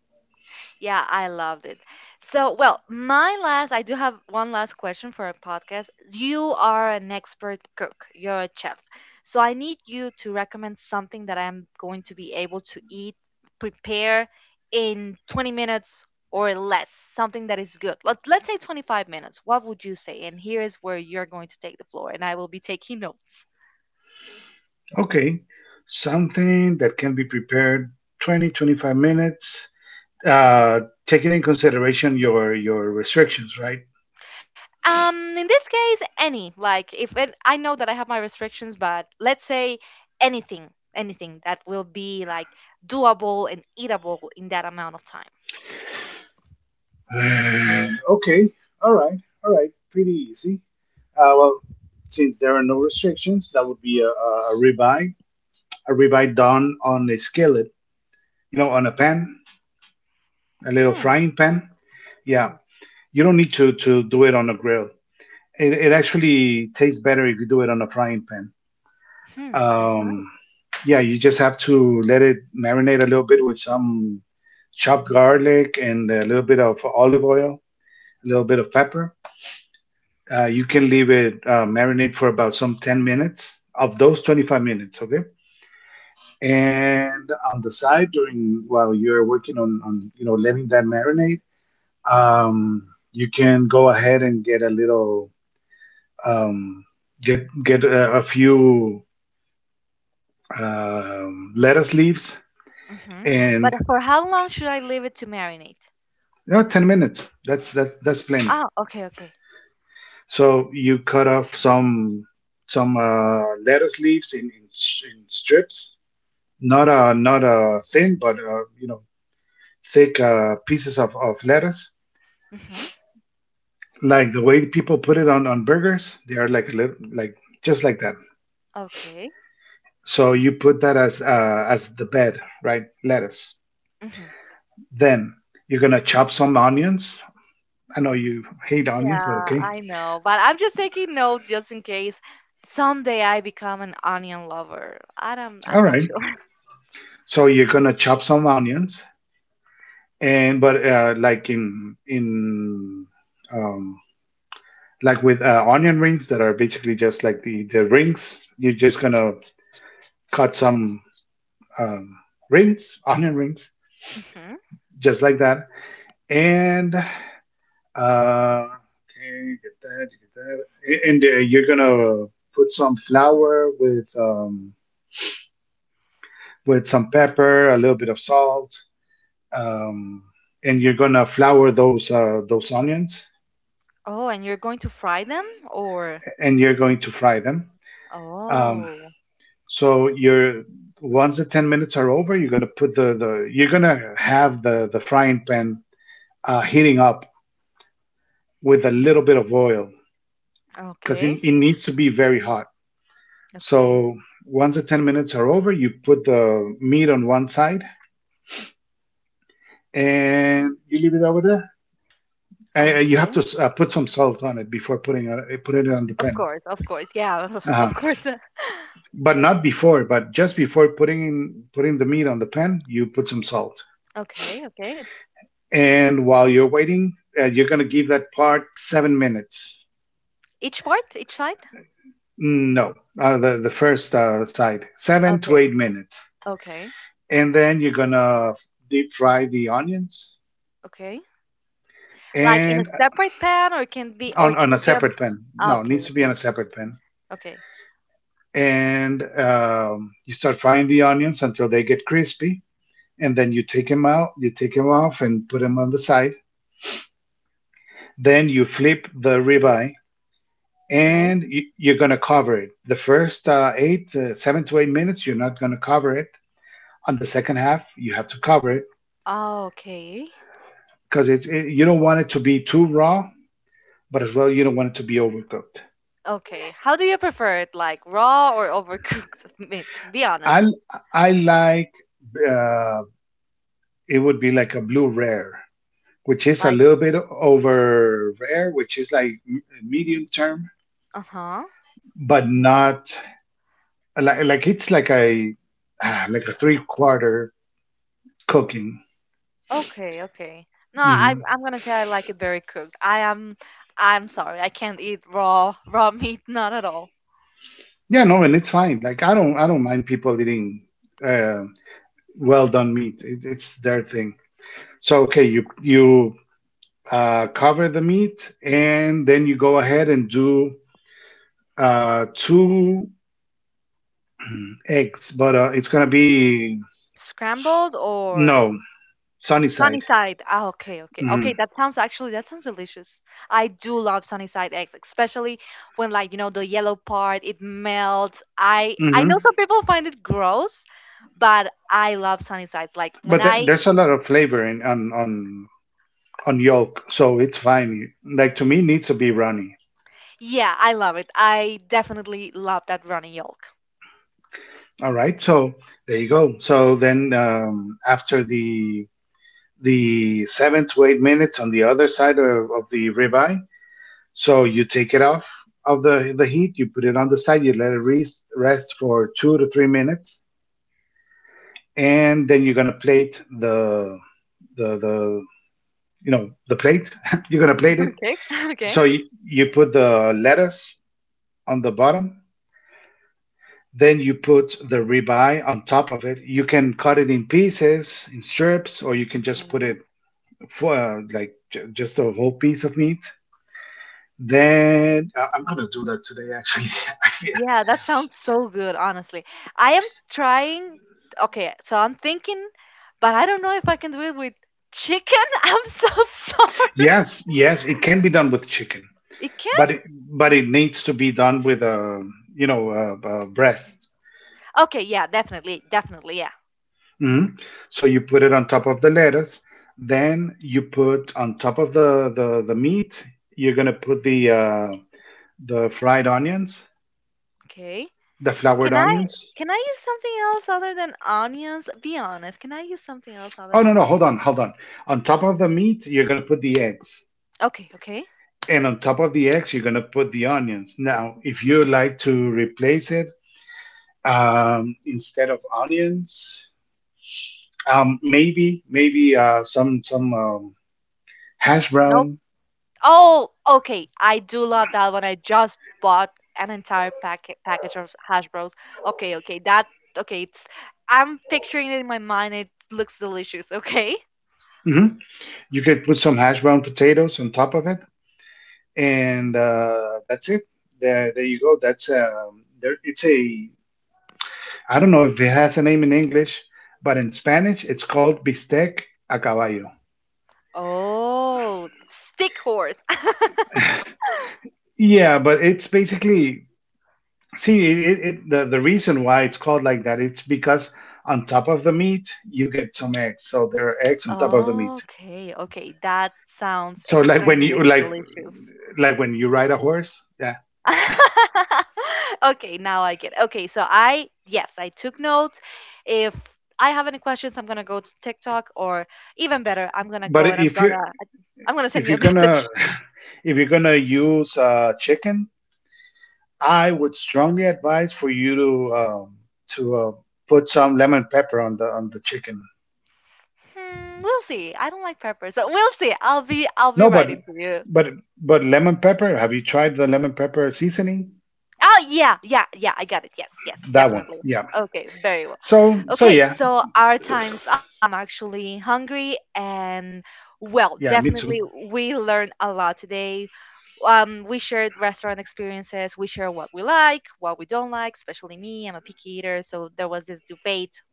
Yeah, I loved it. So, well, my last, I do have one last question for a podcast. You are an expert cook, you're a chef. So I need you to recommend something that I'm going to be able to eat, prepare in 20 minutes or less, something that is good. Let's say 25 minutes. What would you say? And here is where you're going to take the floor, and I will be taking notes. Okay, something that can be prepared 20, 25 minutes, uh taking in consideration your restrictions, right? In this case, any. Like, if it, I know that I have my restrictions, but let's say anything, anything that will be like doable and eatable in that amount of time. Okay, all right, all right, pretty easy. Well, since there are no restrictions, that would be a ribeye done on a skillet, you know, on a pan, a little Hmm, frying pan. Yeah, hmm, you don't need to do it on a grill. It actually tastes better if you do it on a frying pan. hmm. That's nice. Um, yeah, you just have to let it marinate a little bit with some chopped garlic and a little bit of olive oil, a little bit of pepper. You can leave it marinate for about some 10 minutes of those 25 minutes, okay? And on the side during while you're working on, you know, letting that marinate, um, you can go ahead and get a little um, a few lettuce leaves Mm-hmm. and But for how long should I leave it to marinate? 10 minutes. That's that's plenty. Ah, okay, okay. So you cut off some lettuce leaves in strips, not a thin, but thick pieces of lettuce. Mm-hmm. Like the way people put it on burgers, they are like a little, like just like that. Okay. So you put that as as the bed, right? Lettuce. Mm-hmm. Then you're gonna chop some onions. I know you hate onions, but Yeah, okay, I know, but I'm just taking note just in case someday I become an onion lover. I don't, I'm all not right. sure. So you're gonna chop some onions, and but like in um, like with onion rings that are basically just like the rings. You're just gonna cut some um, rings, onion rings, Hmm. just like that. And uh, okay, you get that, and you're gonna put some flour with some pepper, a little bit of salt, um, and you're gonna flour those onions, Oh, and you're going to fry them, or? and you're going to fry them. Um, Oh, so you're once the 10 minutes are over, you're gonna have the frying pan heating up with a little bit of oil because okay. it needs to be very hot. Okay. So once the 10 minutes are over, you put the meat on one side and you leave it over there. You have Okay. to put some salt on it before putting it on the Of pan. course, of course. Yeah, Uh-huh. of course. But not before, but just before putting the meat on the pan, you put some salt. Okay, okay. And while you're waiting, you're going to give that part 7 minutes. Each part, each side? No, the first side, seven to Okay. eight minutes. Okay. And then you're going to deep fry the onions, Okay. Like, in a and separate pan, or can be, or can on a it be on separate pan. No, it okay, needs to be okay. on a separate pan. Okay. And you start frying the onions until they get crispy, and then you take them out, you take them off, and put them on the side. Then you flip the ribeye, Okay. and you're gonna cover it. The first 7 to 8 minutes, you're not gonna cover it. On the second half, you have to cover it Okay. because you don't want it to be too raw, but as well you don't want it to be overcooked. Okay. How do you prefer it? Like raw or overcooked meat? Be I honest. I like uh, it would be like a blue rare, which is a Like, little bit over rare, which is like medium term, uh-huh. but not like, like it's like a ah, like a three quarter cooking. Okay, okay. No, I Hmm. I'm gonna say I like it very cooked. I'm sorry, I can't eat raw raw meat, not at all. Yeah, no, and it's fine. Like I don't mind people eating uh, well done meat. It's their thing. So okay, you cover the meat and then you go ahead and do two eggs, but it's gonna be, Scrambled or no, sunny sunny side. side. Ah, okay, okay. Okay, that sounds actually that sounds delicious. I do love sunny side eggs, especially when, like, the yellow part, it melts. I Hmm. know some people find it gross, but I love sunny sides. Like when But I there's a lot of flavor in on yolk, so it's fine. Like to me, it needs to be runny. yeah, I love it. I definitely love that runny yolk. All right, so there you go. So then after the 7 to 8 minutes on the other side of the ribeye, so you take it off of the heat, you put it on the side, you let it rest for 2 to 3 minutes, and then you're gonna plate the the the plate. you're gonna plate it. Okay. Okay. So you put the lettuce on the bottom. Then you put the ribeye on top of it. You can cut it in pieces, in strips, or you can just put it for just a whole piece of meat. Then I'm gonna do that today. Actually, I feel- Yeah, that sounds so good, honestly. I am trying. Okay, so I'm thinking, but I don't know if I can do it with chicken. I'm so sorry. yes, yes, it can be done with chicken, It can? but but it needs to be done with a breast. Okay, yeah, definitely, definitely, yeah. Mhm. So you put it on top of the lettuce. Then you put on top of the meat. You're gonna put the fried onions, Okay. the floured Can I onions. can I use something else other than onions? Be honest. Can I use something else other Oh no, than no, hold on, onions? hold on. On top of the meat, you're gonna put the eggs, Okay, okay. and on top of the eggs, you're gonna put the onions. Now, if you like to replace it instead of onions, maybe some hash No. brown. Oh, okay. I do love that one. I just bought an entire package of hash bros. Okay, okay. That Okay, it's I'm picturing it in my mind. It looks delicious, okay? Hmm. You could put some hash brown potatoes on top of it, and that's it. There you go. That's there. It's a I don't know if it has a name in English, but in Spanish it's called bistec a caballo. Oh, stick horse. Yeah, but it's basically, see it, it, it the reason why it's called like that. It's because on top of the meat you get some eggs, so there are eggs on top of the meat. Okay, okay. That sounds So like when you extremely like delicious. like when you ride a horse, yeah. Okay, now I get it. Okay, so I yes, I took notes. If I have any questions, I'm gonna go to TikTok, or even better, I'm gonna But go and I'm gonna I'm gonna if send you a you're gonna message. if you're gonna use chicken, I would strongly advise for you to to uh, put some lemon pepper on the chicken. Hmm, we'll see. I don't like pepper, so we'll see. I'll be No, writing to you. but but lemon pepper. Have you tried the lemon pepper seasoning? Oh yeah, yeah, yeah. I got it. Yes, yes, That one. definitely. Yeah. Okay, very well. So Okay, yeah, so our time's up. I'm actually hungry and, well, yeah, me too. definitely we learned a lot today. We shared restaurant experiences. We share what we like, what we don't like, especially me. I'm a picky eater, so there was this debate,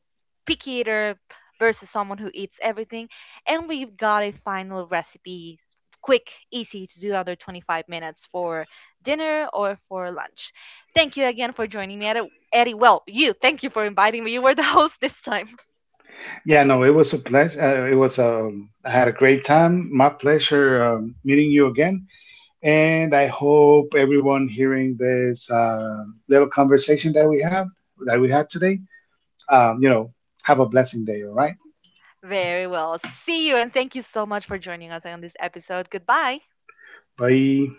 picky eater versus someone who eats everything. And we've got a final recipe, quick, easy to do under 25 minutes for dinner or for lunch. Thank you again for joining me, Eddie. Eddie, well, thank you for inviting me. You were the host this time. Yeah, no, it was a pleasure. It was a. I had a great time. My pleasure meeting you again, and I hope everyone hearing this little conversation that we had today. Um, you know, have a blessing day. All right. Very well. See you, and thank you so much for joining us on this episode. Goodbye. Bye.